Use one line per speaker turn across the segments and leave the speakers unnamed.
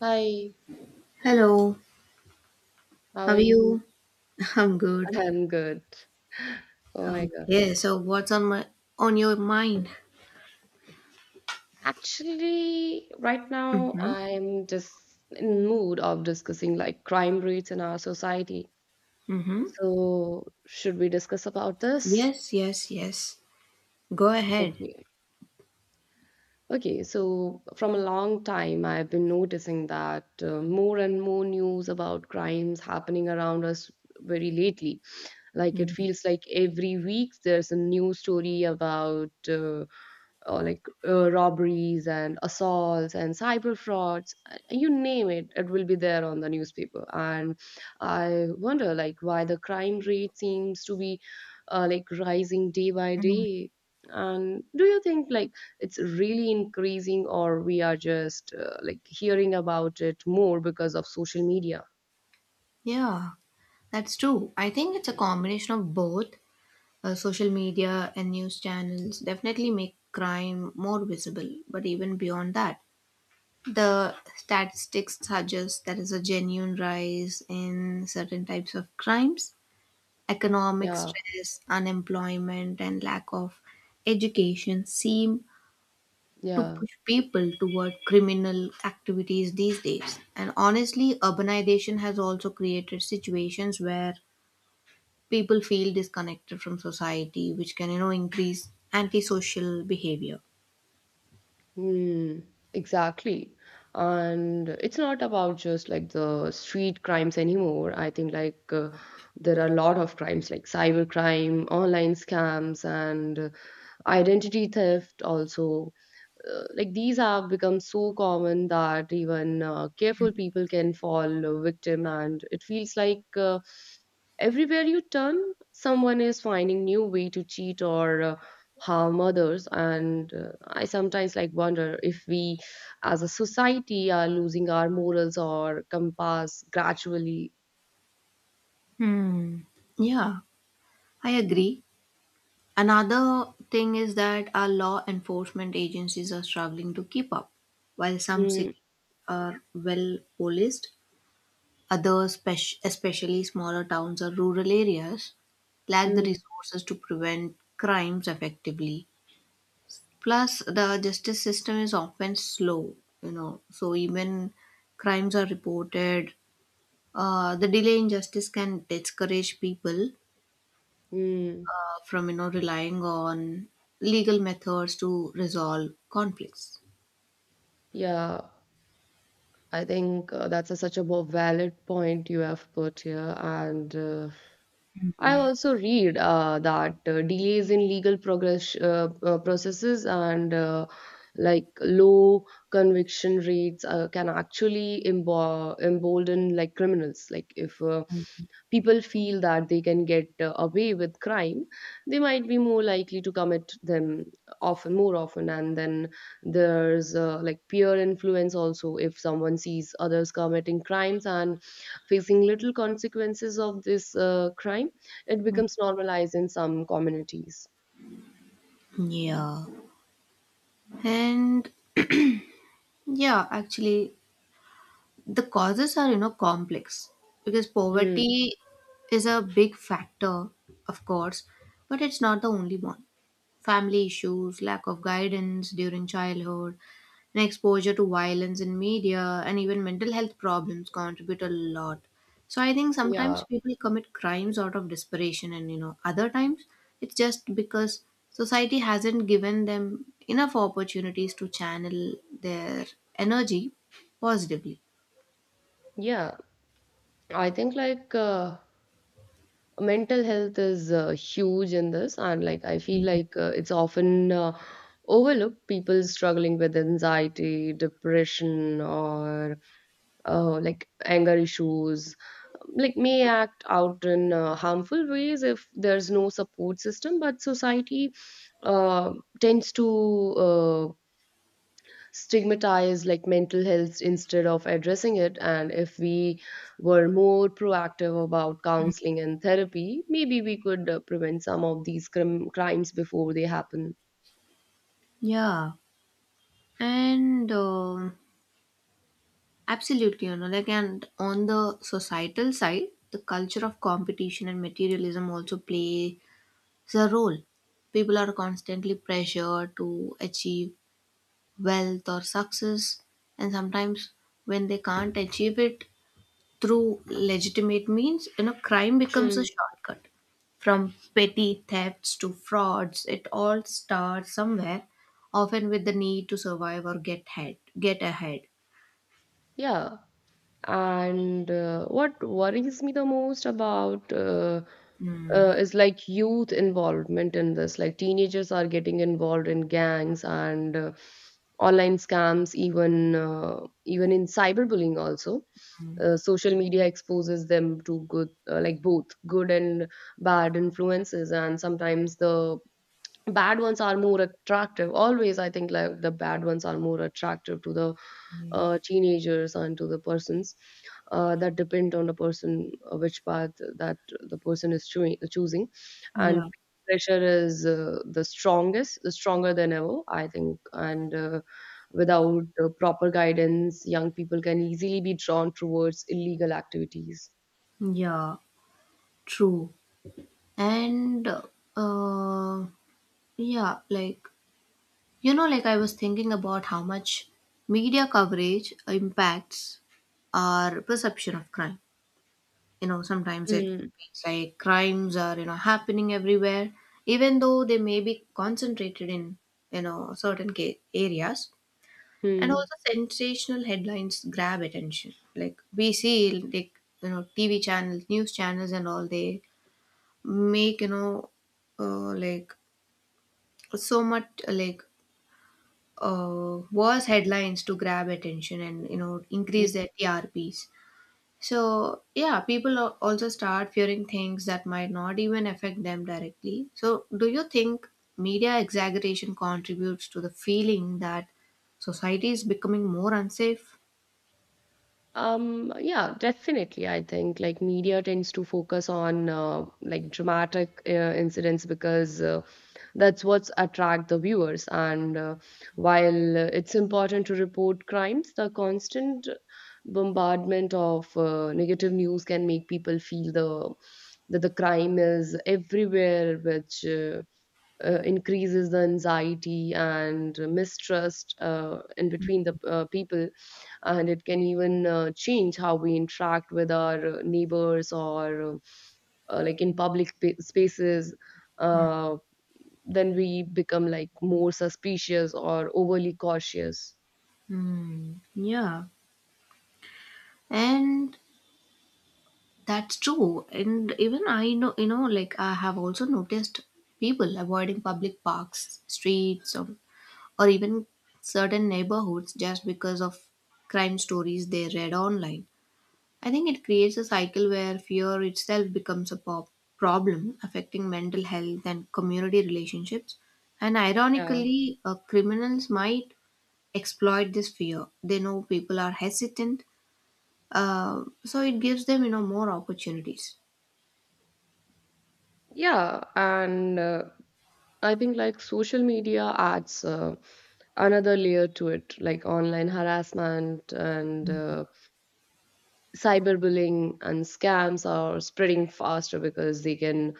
Hi,
Hello,
how
how
are
are
you?
you? I'm good.
I'm good. Oh my God.
Yeah, so what's on my on your mind?
Actually, right now
Mm-hmm.
I'm just in mood of discussing like crime rates in our society.
Mm-hmm.
So, should we discuss about this?
Yes, yes, yes. Go ahead.
Okay. Okay, so from a long time, I've been noticing that more and more news about crimes happening around us very lately. Like it
Mhm.
feels like every week there's a new story about robberies and assaults and cyber frauds, you name it, it will be there on the newspaper. And I wonder like why the crime rate seems to be like rising day by day, and do you think like it's really increasing or we are just like hearing about it more because of social media?
Yeah, that's true. I think it's a combination of both. Social media and news channels definitely make crime more visible, but even beyond that, the statistics suggest there is a genuine rise in certain types of crimes. Economic
Yeah,
stress, unemployment, and lack of education seem to
yeah.
push people toward criminal activities these days. And honestly, urbanization has also created situations where people feel disconnected from society, which can, you know, increase antisocial behavior.
Hmm. Exactly. And it's not about just like the street crimes anymore. I think like there are a lot of crimes like cyber crime, online scams, and identity theft also. Like these have become so common that even careful people can fall victim, and it feels like everywhere you turn someone is finding new way to cheat or harm others. And I sometimes like wonder if we as a society are losing our morals or compass gradually.
Hmm. Yeah, I agree. Another thing is that our law enforcement agencies are struggling to keep up. While some
Mm,
cities are well policed, especially smaller towns or rural areas, lack the
mm,
resources to prevent crimes effectively. Plus, the justice system is often slow, you know, so even crimes are reported. The delay in justice can discourage people
mm.
from, you know, relying on legal methods to resolve conflicts.
Yeah, I think that's a, such a more valid point you have put here, and I also read that delays in legal progress processes, and like low conviction rates can actually embolden like criminals. Like if people feel that they can get away with crime, they might be more likely to commit them more often. And then there's like peer influence also. If someone sees others committing crimes and facing little consequences of this crime, it becomes normalized in some communities.
Yeah. And yeah, actually, the causes are, you know, complex, because
Mm,
poverty is a big factor, of course, but it's not the only one. Family issues, lack of guidance during childhood, and exposure to violence in media, and even mental health problems contribute a lot. So I think sometimes
yeah,
people commit crimes out of desperation, and you know, other times it's just because society hasn't given them enough opportunities to channel their energy positively.
yeah. I think like mental health is huge in this, and like I feel like it's often overlooked. People struggling with anxiety, depression, or like anger issues, like may act out in harmful ways if there's no support system. But society uh, tends to uh, stigmatize like mental health instead of addressing it. And if we were more proactive about counseling and therapy, maybe we could prevent some of these crimes before they happen.
Yeah, and Absolutely, you know, like, and on the societal side, the culture of competition and materialism also plays a role. People are constantly pressured to achieve wealth or success, and sometimes when they can't achieve it through legitimate means, you know, crime becomes a
Mm.
shortcut. From petty thefts to frauds, it all starts somewhere, often with the need to survive or get ahead. Get ahead.
Yeah. And what worries me the most about
Mm,
is like youth involvement in this. Like teenagers are getting involved in gangs and online scams, even in cyberbullying also. Social media exposes them to like both good and bad influences, and sometimes the bad ones are more attractive always. I think like the bad ones are more attractive to the teenagers and to the persons that depend on the person which path that the person is choosing. And
yeah,
pressure is the stronger than ever, I think. And without proper guidance, young people can easily be drawn towards illegal activities.
yeah, true. And uh, yeah, like you know, I was thinking about how much media coverage impacts our perception of crime. You know, sometimes it
Hmm.
feels like crimes are, you know, happening everywhere, even though they may be concentrated in, you know, certain areas. And
Hmm.
also sensational headlines grab attention. Like we see, like, you know, tv channels, news channels, and all, they make, you know, uh, like so much worse headlines to grab attention and, you know, increase their trps. So, yeah, people also start fearing things that might not even affect them directly. So, do you think media exaggeration contributes to the feeling that society is becoming more unsafe?
Yeah, definitely. I think like media tends to focus on like dramatic incidents because that's what's attract the viewers. And while it's important to report crimes, the constant bombardment of negative news can make people feel the that the crime is everywhere, which increases the anxiety and mistrust in between the people. And it can even change how we interact with our neighbors or like in public spaces. Uh, then we become like more suspicious or overly cautious.
Hmm. Yeah, and that's true. And even I know, you know, like I have also noticed people avoiding public parks, streets, or even certain neighborhoods just because of crime stories they read online. I think it creates a cycle where fear itself becomes a problem affecting mental health and community relationships. And
Yeah,
ironically, criminals might exploit this fear. They know people are hesitant, so it gives them, you know, more opportunities.
yeah. And I think like social media adds another layer to it. Like online harassment and cyberbullying and scams are spreading faster because they can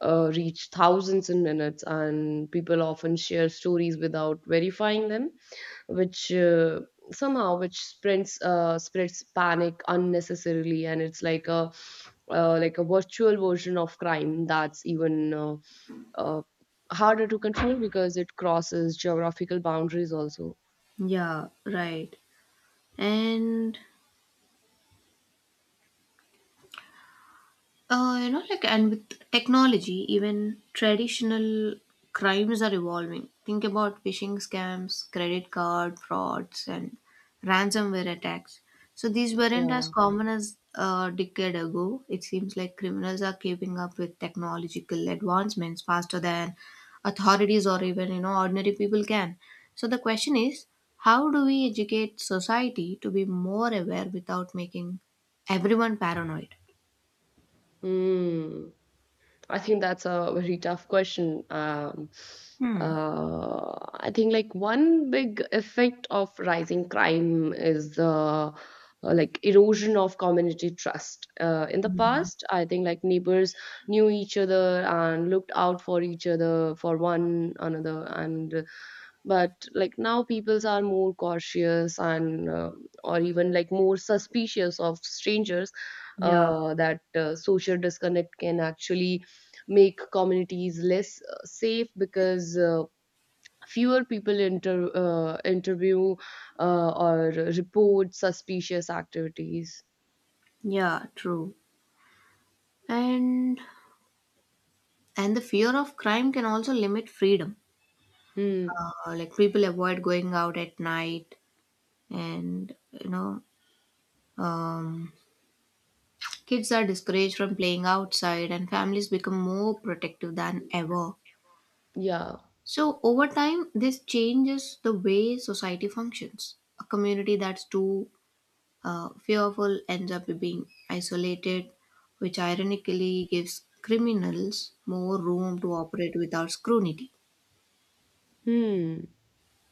reach thousands in minutes, and people often share stories without verifying them, which somehow which spreads spreads panic unnecessarily. And it's like a virtual version of crime that's even uh, harder to control because it crosses geographical boundaries also.
Yeah, right. And you know, like, and with technology, even traditional crimes are evolving. Think about phishing scams, credit card frauds, and ransomware attacks. So these weren't as
Yeah.
common as a decade ago. It seems like criminals are keeping up with technological advancements faster than authorities or even, you know, ordinary people can. So the question is, how do we educate society to be more aware without making everyone paranoid?
Hmm. I think that's a very tough question.
Hmm.
Uh, I think like one big effect of rising crime is the like erosion of community trust. In the
Mhm.
past, I think like neighbors knew each other and looked out for each other for one another. And but like now peoples are more cautious, and or even like more suspicious of strangers.
Yeah,
Uh, that social disconnect can actually make communities less safe because fewer people interview or report suspicious activities.
yeah, true. And the fear of crime can also limit freedom.
Hmm.
People avoid going out at night, and you know, um, kids are discouraged from playing outside, and families become more protective than ever.
Yeah.
So over time, this changes the way society functions. A community that's too fearful ends up being isolated, which ironically gives criminals more room to operate without scrutiny.
Hmm.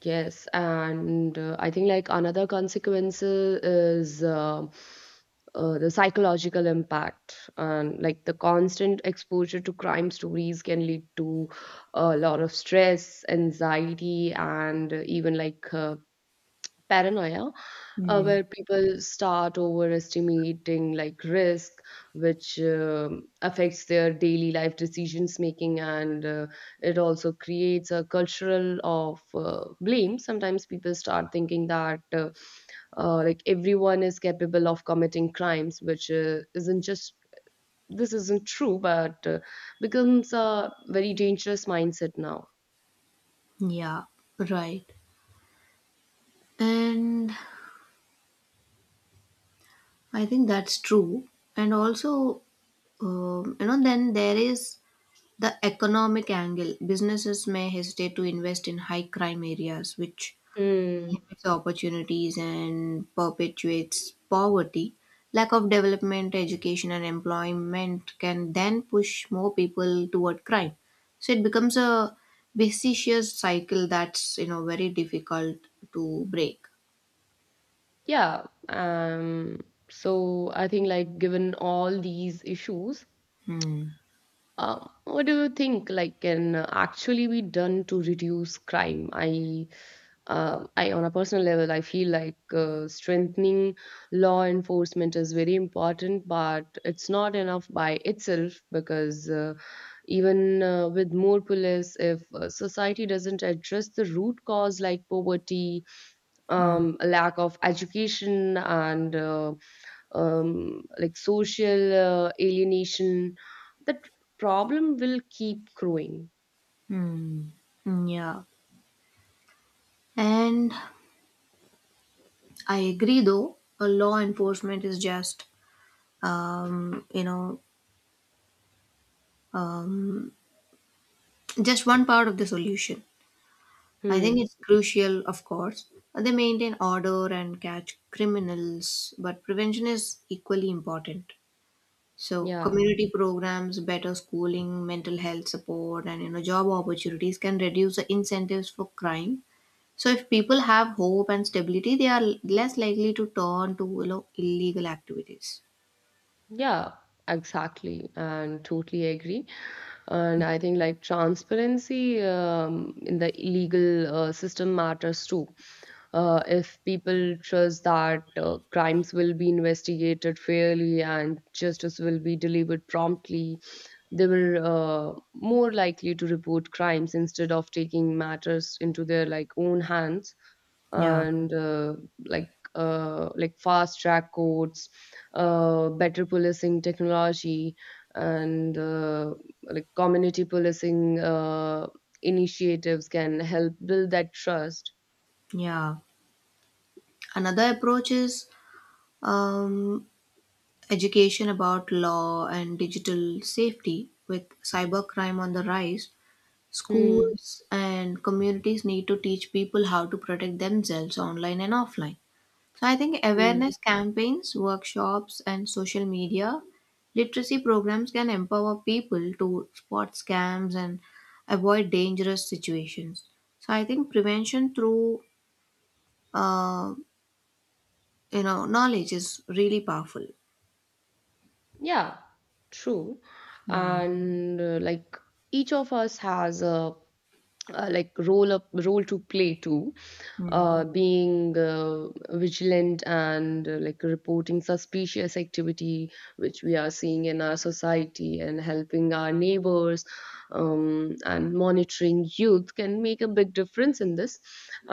Yes, and I think like another consequence is the psychological impact. And like the constant exposure to crime stories can lead to a lot of stress, anxiety, and even like paranoia,
Hmm.
where people start overestimating like risk, which affects their daily life decisions making. And it also creates a cultural of blame. Sometimes people start thinking that like everyone is capable of committing crimes, which isn't just this isn't true, but becomes a very dangerous mindset now.
Yeah, right. And I think that's true. And also, you know, then there is the economic angle. Businesses may hesitate to invest in high crime areas, which
Hmm.
limits opportunities and perpetuates poverty. Lack of development, education, and employment can then push more people toward crime. So it becomes a vicious cycle that's, you know, very difficult to break.
Yeah. So I think like given all these issues,
Hmm.
what do you think like can actually be done to reduce crime? I on a personal level, I feel like strengthening law enforcement is very important, but it's not enough by itself because even with more police, if society doesn't address the root cause like poverty,
Hmm.
lack of education, and like social alienation, that problem will keep growing.
Hmm. Yeah. And I agree, though, a law enforcement is just, um, you know, uh, just one part of the solution. I think
Hmm.
it's crucial, of course. They maintain order and catch criminals, but prevention is equally important. So,
Yeah.
community programs, better schooling, mental health support, and, you know, job opportunities can reduce the incentives for crime. So, if people have hope and stability, they are less likely to turn to, you know, illegal activities.
Yeah, exactly, and totally agree. And I think like transparency in the legal system matters too. If people trust that crimes will be investigated fairly and justice will be delivered promptly, they were more likely to report crimes instead of taking matters into their like own hands.
Yeah,
And like fast track courts, better policing technology, and like community policing initiatives can help build that trust.
yeah. Another approach is um, education about law and digital safety. With cybercrime on the rise,
Hmm.
schools and communities need to teach people how to protect themselves online and offline. So I think
Hmm.
awareness campaigns, workshops, and social media literacy programs can empower people to spot scams and avoid dangerous situations. So I think prevention through uh, you know, knowledge is really powerful.
Yeah, true.
Hmm.
And like each of us has a role to play too.
Hmm.
Uh, being vigilant and like reporting suspicious activity, which we are seeing in our society, and helping our neighbors and monitoring youth can make a big difference in this.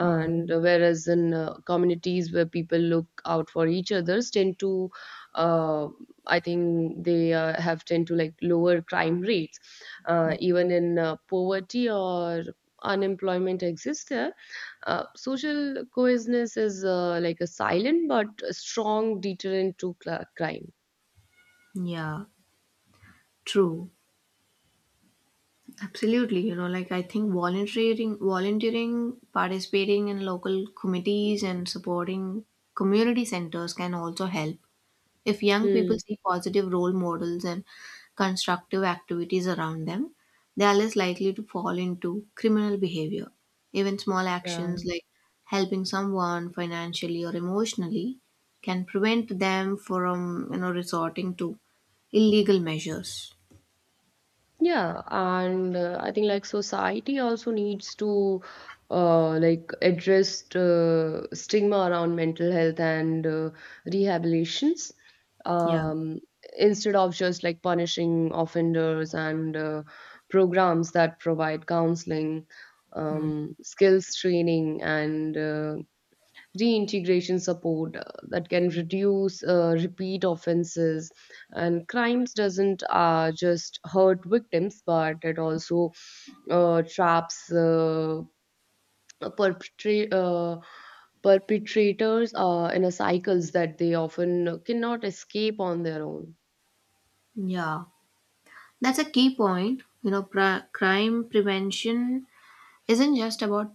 Hmm.
whereas in communities where people look out for each others tend to uh, I think they have tend to like lower crime rates, even in poverty or unemployment exists there. Uh, social cohesiveness is like a silent but a strong deterrent to crime.
Yeah, true. Absolutely. You know, like I think volunteering, participating in local committees and supporting community centers can also help. If young people
Hmm.
see positive role models and constructive activities around them, they are less likely to fall into criminal behavior. Even small actions
Yeah.
like helping someone financially or emotionally can prevent them from, you know, resorting to illegal measures.
Yeah, and I think like society also needs to like address stigma around mental health and rehabilitations,
Yeah.
um, instead of just like punishing offenders. And programs that provide counseling,
Hmm.
skills training, and reintegration support that can reduce repeat offenses. And crimes doesn't just hurt victims, but it also traps perpetra- uh, perpetrators in a cycles that they often cannot escape on their own.
Yeah, that's a key point. You know, crime prevention isn't just about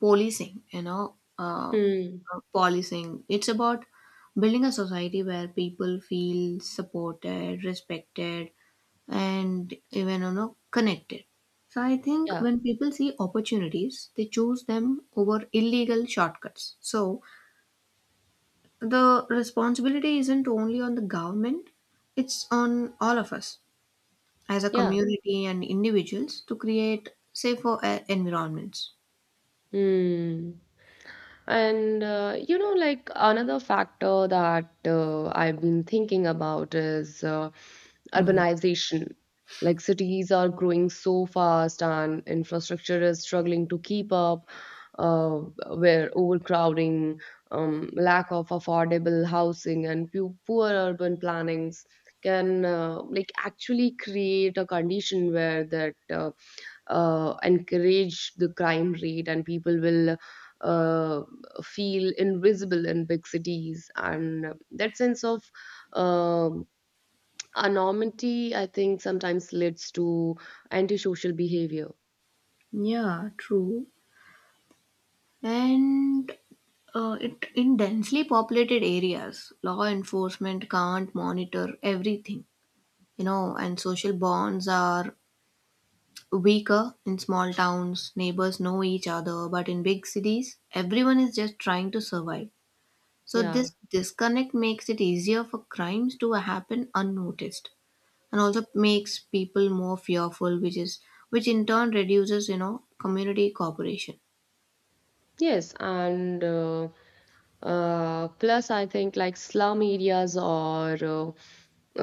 policing, you know,
Hmm.
policing. It's about building a society where people feel supported, respected, and even, you know, connected. So I think
Yeah.
when people see opportunities, they choose them over illegal shortcuts. So the responsibility isn't only on the government, it's on all of us, as a
Yeah.
community and individuals, to create safer environments.
Hmm. And you know, like another factor that I've been thinking about is
Hmm.
urbanization. Like cities are growing so fast and infrastructure is struggling to keep up, uh, where overcrowding, lack of affordable housing, and poor urban plannings can like actually create a condition where that encourage the crime rate. And people will uh, feel invisible in big cities, and that sense of um anonymity, I think, sometimes leads to antisocial behavior.
Yeah, true. And in densely populated areas, law enforcement can't monitor everything, you know, and social bonds are weaker in small towns. Neighbors know each other, but in big cities, everyone is just trying to survive. So,
Yeah.
this disconnect makes it easier for crimes to happen unnoticed, and also makes people more fearful, which is which in turn reduces, you know, community cooperation.
Yes, and plus I think like slum areas or uh,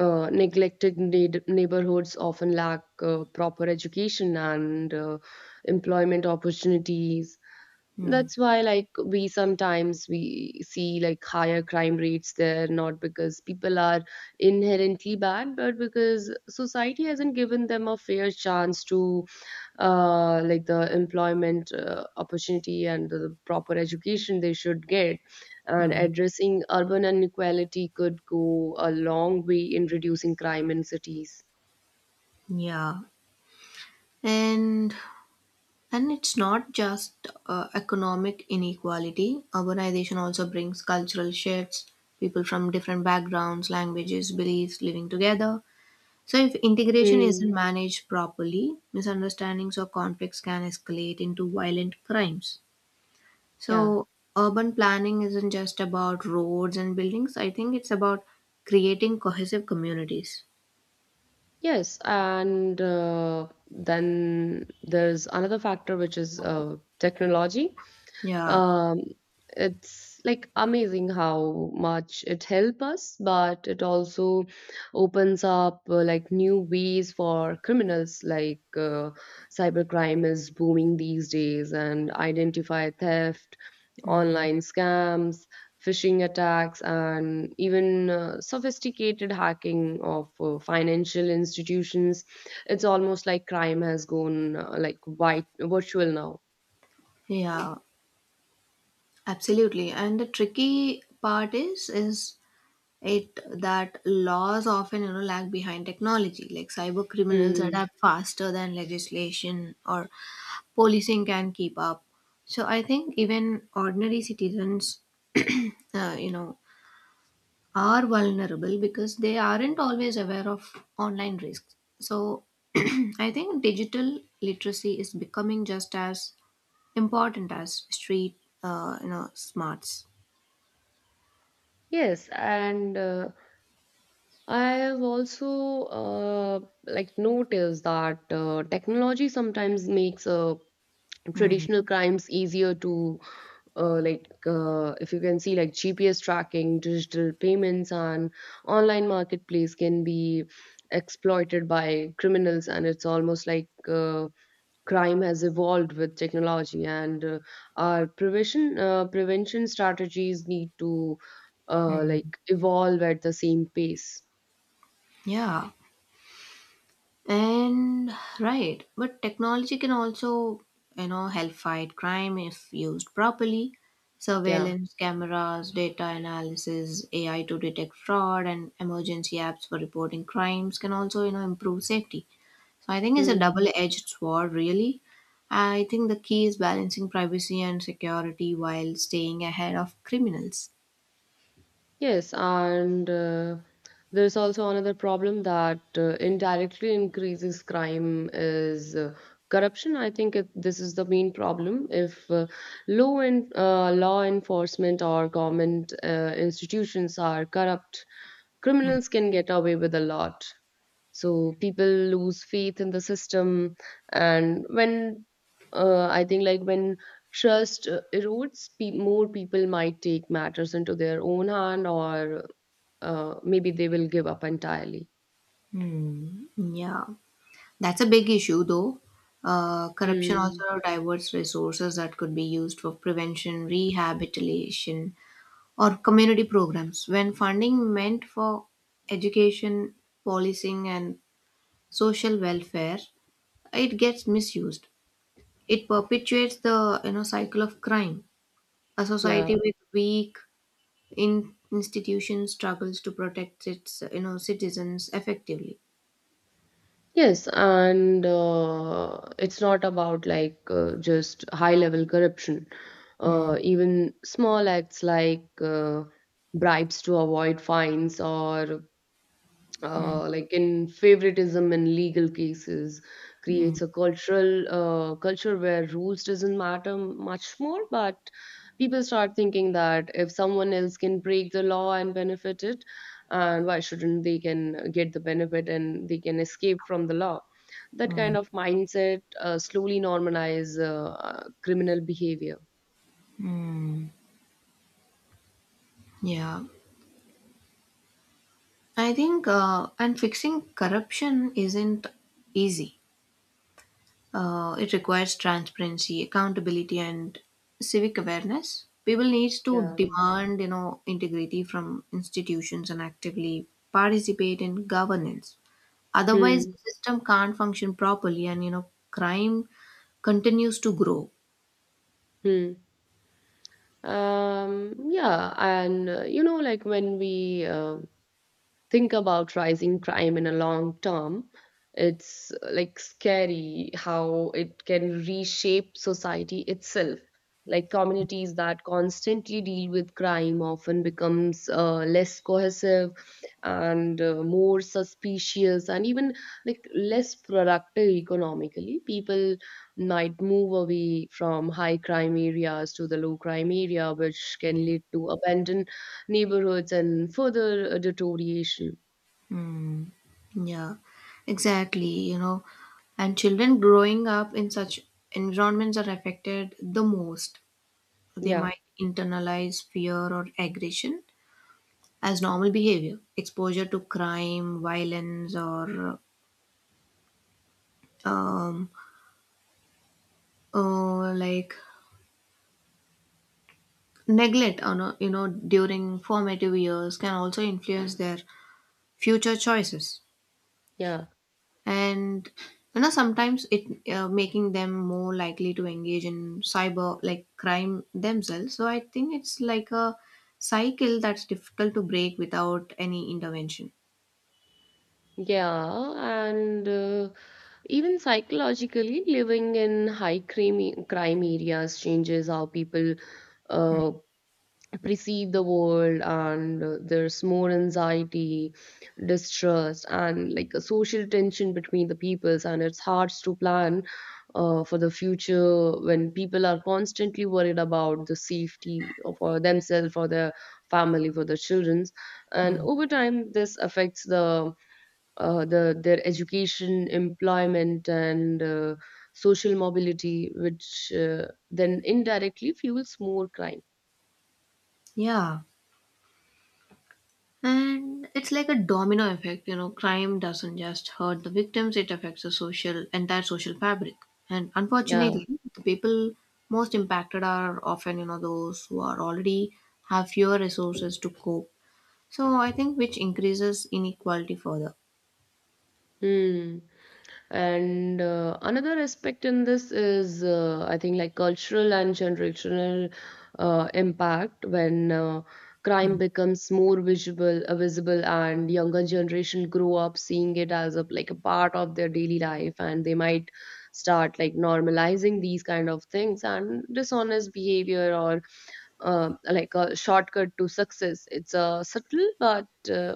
uh, neglected neighborhoods often lack proper education and employment opportunities.
Hmm.
That's why like we sometimes we see like higher crime rates there, not because people are inherently bad, but because society hasn't given them a fair chance to like the employment opportunity and the proper education they should get. And
Mm,
addressing urban inequality could go a long way in reducing crime in cities.
yeah. And it's not just economic inequality. Urbanization also brings cultural shifts. People from different backgrounds, languages, beliefs living together, so if integration isn't
Mm.
managed properly, misunderstandings or conflicts can escalate into violent crimes.
Yeah.
So, urban planning isn't just about roads and buildings. I think it's about creating cohesive communities.
Yes, and then there's another factor, which is technology.
Yeah.
um, it's like amazing how much it helps us, but it also opens up like new ways for criminals. Like cybercrime is booming these days, and identify theft,
Mm.
online scams, phishing attacks, and even sophisticated hacking of financial institutions. It's almost like crime has gone like white virtual now.
Yeah, absolutely. And the tricky part is it that laws often, you know, lag behind technology. Like cyber criminals
Mm.
adapt faster than legislation or policing can keep up. So I think even ordinary citizens, you know, are vulnerable because they aren't always aware of online risks. So I think digital literacy is becoming just as important as street, you know, smarts.
Yes, and I have also like noticed that technology sometimes makes
Hmm.
traditional crimes easier to if you can see like GPS tracking, digital payments, and online marketplace can be exploited by criminals, and it's almost like crime has evolved with technology, and our prevention strategies need to
Hmm.
like evolve at the same pace.
Yeah, and Right, but technology can also, you know, help fight crime if used properly.
Yeah.
Surveillance cameras, data analysis, AI to detect fraud, and emergency apps for reporting crimes can also, you know, improve safety. So I think it's a
Hmm.
double-edged sword, really. I think the key is balancing privacy and security while staying ahead of criminals.
Yes, and there's also another problem that indirectly increases crime is corruption. I think this is the main problem. If law enforcement or government institutions are corrupt, criminals can get away with a lot. So people lose faith in the system, and when I think like when trust erodes, more people might take matters into their own hand, or maybe they will give up entirely.
Hmm. Yeah, that's a big issue, though. Corruption
Mm,
also diverts resources that could be used for prevention, rehabilitation, or community programs. When funding meant for education, policing, and social welfare, it gets misused. It perpetuates the, you know, cycle of crime. A
yeah.
society with weak in institutions struggles to protect its, you know, citizens effectively.
Yes, and it's not about just high level corruption.
Mm,
Even small acts like bribes to avoid fines or like in favoritism in legal cases
mm,
creates a cultural culture where rules doesn't matter much more, but people start thinking that if someone else can break the law and benefit it, and why shouldn't they can get the benefit and they can escape from the law. That kind
mm.
of mindset slowly normalize criminal behavior.
Yeah, I think and fixing corruption isn't easy. It requires transparency, accountability, and civic awareness. People need to
Yeah.
demand, you know, integrity from institutions and actively participate in governance. Otherwise,
Hmm.
the system can't function properly, and, you know, crime continues to grow.
Hmm. Yeah, and you know, like when we think about rising crime in a long term, it's like scary how it can reshape society itself. Like communities that constantly deal with crime often becomes less cohesive and more suspicious and even like less productive economically. People might move away from high crime areas to the low crime area, which can lead to abandoned neighborhoods and further deterioration.
Hmm. Yeah, exactly. You know, and children growing up in such environments are affected the most. They
Yeah,
might internalize fear or aggression as normal behavior. Exposure to crime, violence, or um, uh, like neglect, you know, during formative years can also influence their future choices.
yeah,
And you know, sometimes it making them more likely to engage in cyber like crime themselves. So I think it's like a cycle that's difficult to break without any intervention.
yeah. And even psychologically, living in high crime areas changes how people
Hmm.
uh, perceive the world, and there's more anxiety, distrust, and like a social tension between the peoples, and it's hard to plan for the future when people are constantly worried about the safety of- for themselves, for their family, for their children, and
Hmm.
over time this affects the their education, employment, and social mobility, which then indirectly fuels more crime.
Yeah. And it's like a domino effect, you know, crime doesn't just hurt the victims, it affects the social entire social fabric. And
Yeah.
unfortunately, the people most impacted are often, you know, those who are already have fewer resources to cope. So I think which increases inequality further.
Hmm. And another aspect in this is, I think, like cultural and generational impact. When crime
Hmm.
becomes more visible, and younger generation grow up seeing it as a like a part of their daily life, and they might start like normalizing these kind of things and dishonest behavior, or like a shortcut to success. It's a subtle but uh,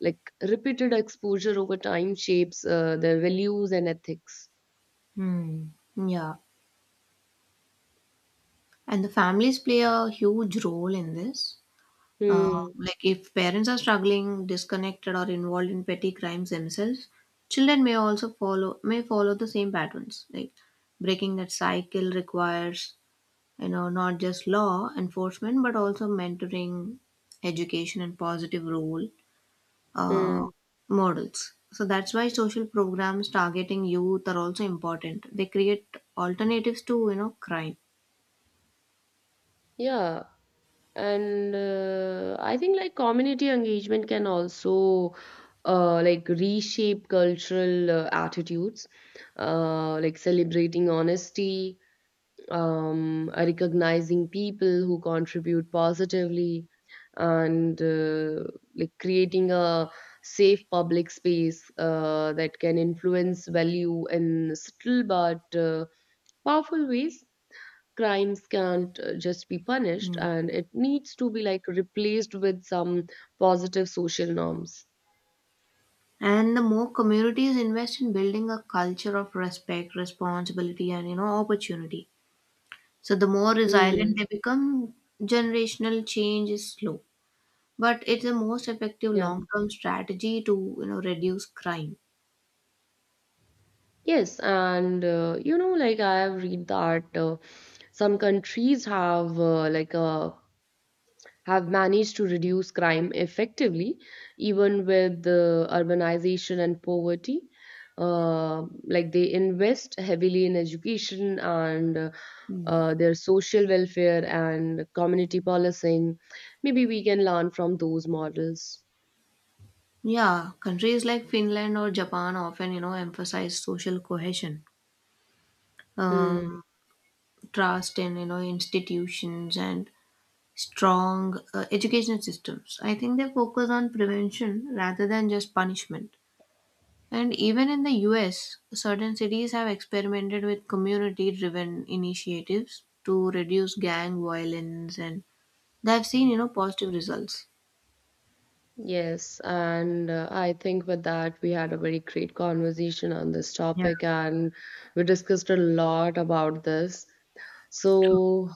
like repeated exposure over time shapes their values and ethics.
Hmm. Yeah. And the families play a huge role in this. Uh,
Hmm.
if parents are struggling, disconnected, or involved in petty crimes themselves, children may follow the same patterns. Like breaking that cycle requires, you know, not just law enforcement but also mentoring, education, and positive role uh,
Hmm.
models. So that's why social programs targeting youth are also important. They create alternatives to, you know, crime.
Yeah. And I think like community engagement can also like reshape cultural attitudes, like celebrating honesty, recognizing people who contribute positively, and like creating a safe public space that can influence value in subtle but powerful ways. Crimes can't just be punished,
Hmm.
and it needs to be like replaced with some positive social norms.
And the more communities invest in building a culture of respect, responsibility, and, you know, opportunity, so the more resilient
Mm,
they become. Generational change is slow, but it's the most effective
yeah.
long-term strategy to, you know, reduce crime.
Yes, and you know, like I have read that some countries have like a have managed to reduce crime effectively, even with the urbanization and poverty. Like they invest heavily in education and
Hmm.
their social welfare and community policing. Maybe we can learn from those models.
Yeah, countries like Finland or Japan often, you know, emphasize social cohesion, um,
Hmm.
trust in, you know, institutions and strong education systems. I think they focus on prevention rather than just punishment. And even in the US, certain cities have experimented with community driven initiatives to reduce gang violence, and they've seen, you know, positive results.
Yes, and I think with that, we had a very great conversation on this
Yeah,
topic, and we discussed a lot about this.
true.
So,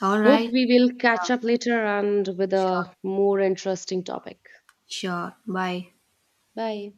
All
hope
right.
we will
Yeah.
catch up later and with
Sure.
a more interesting topic.
Sure. Bye.
Bye.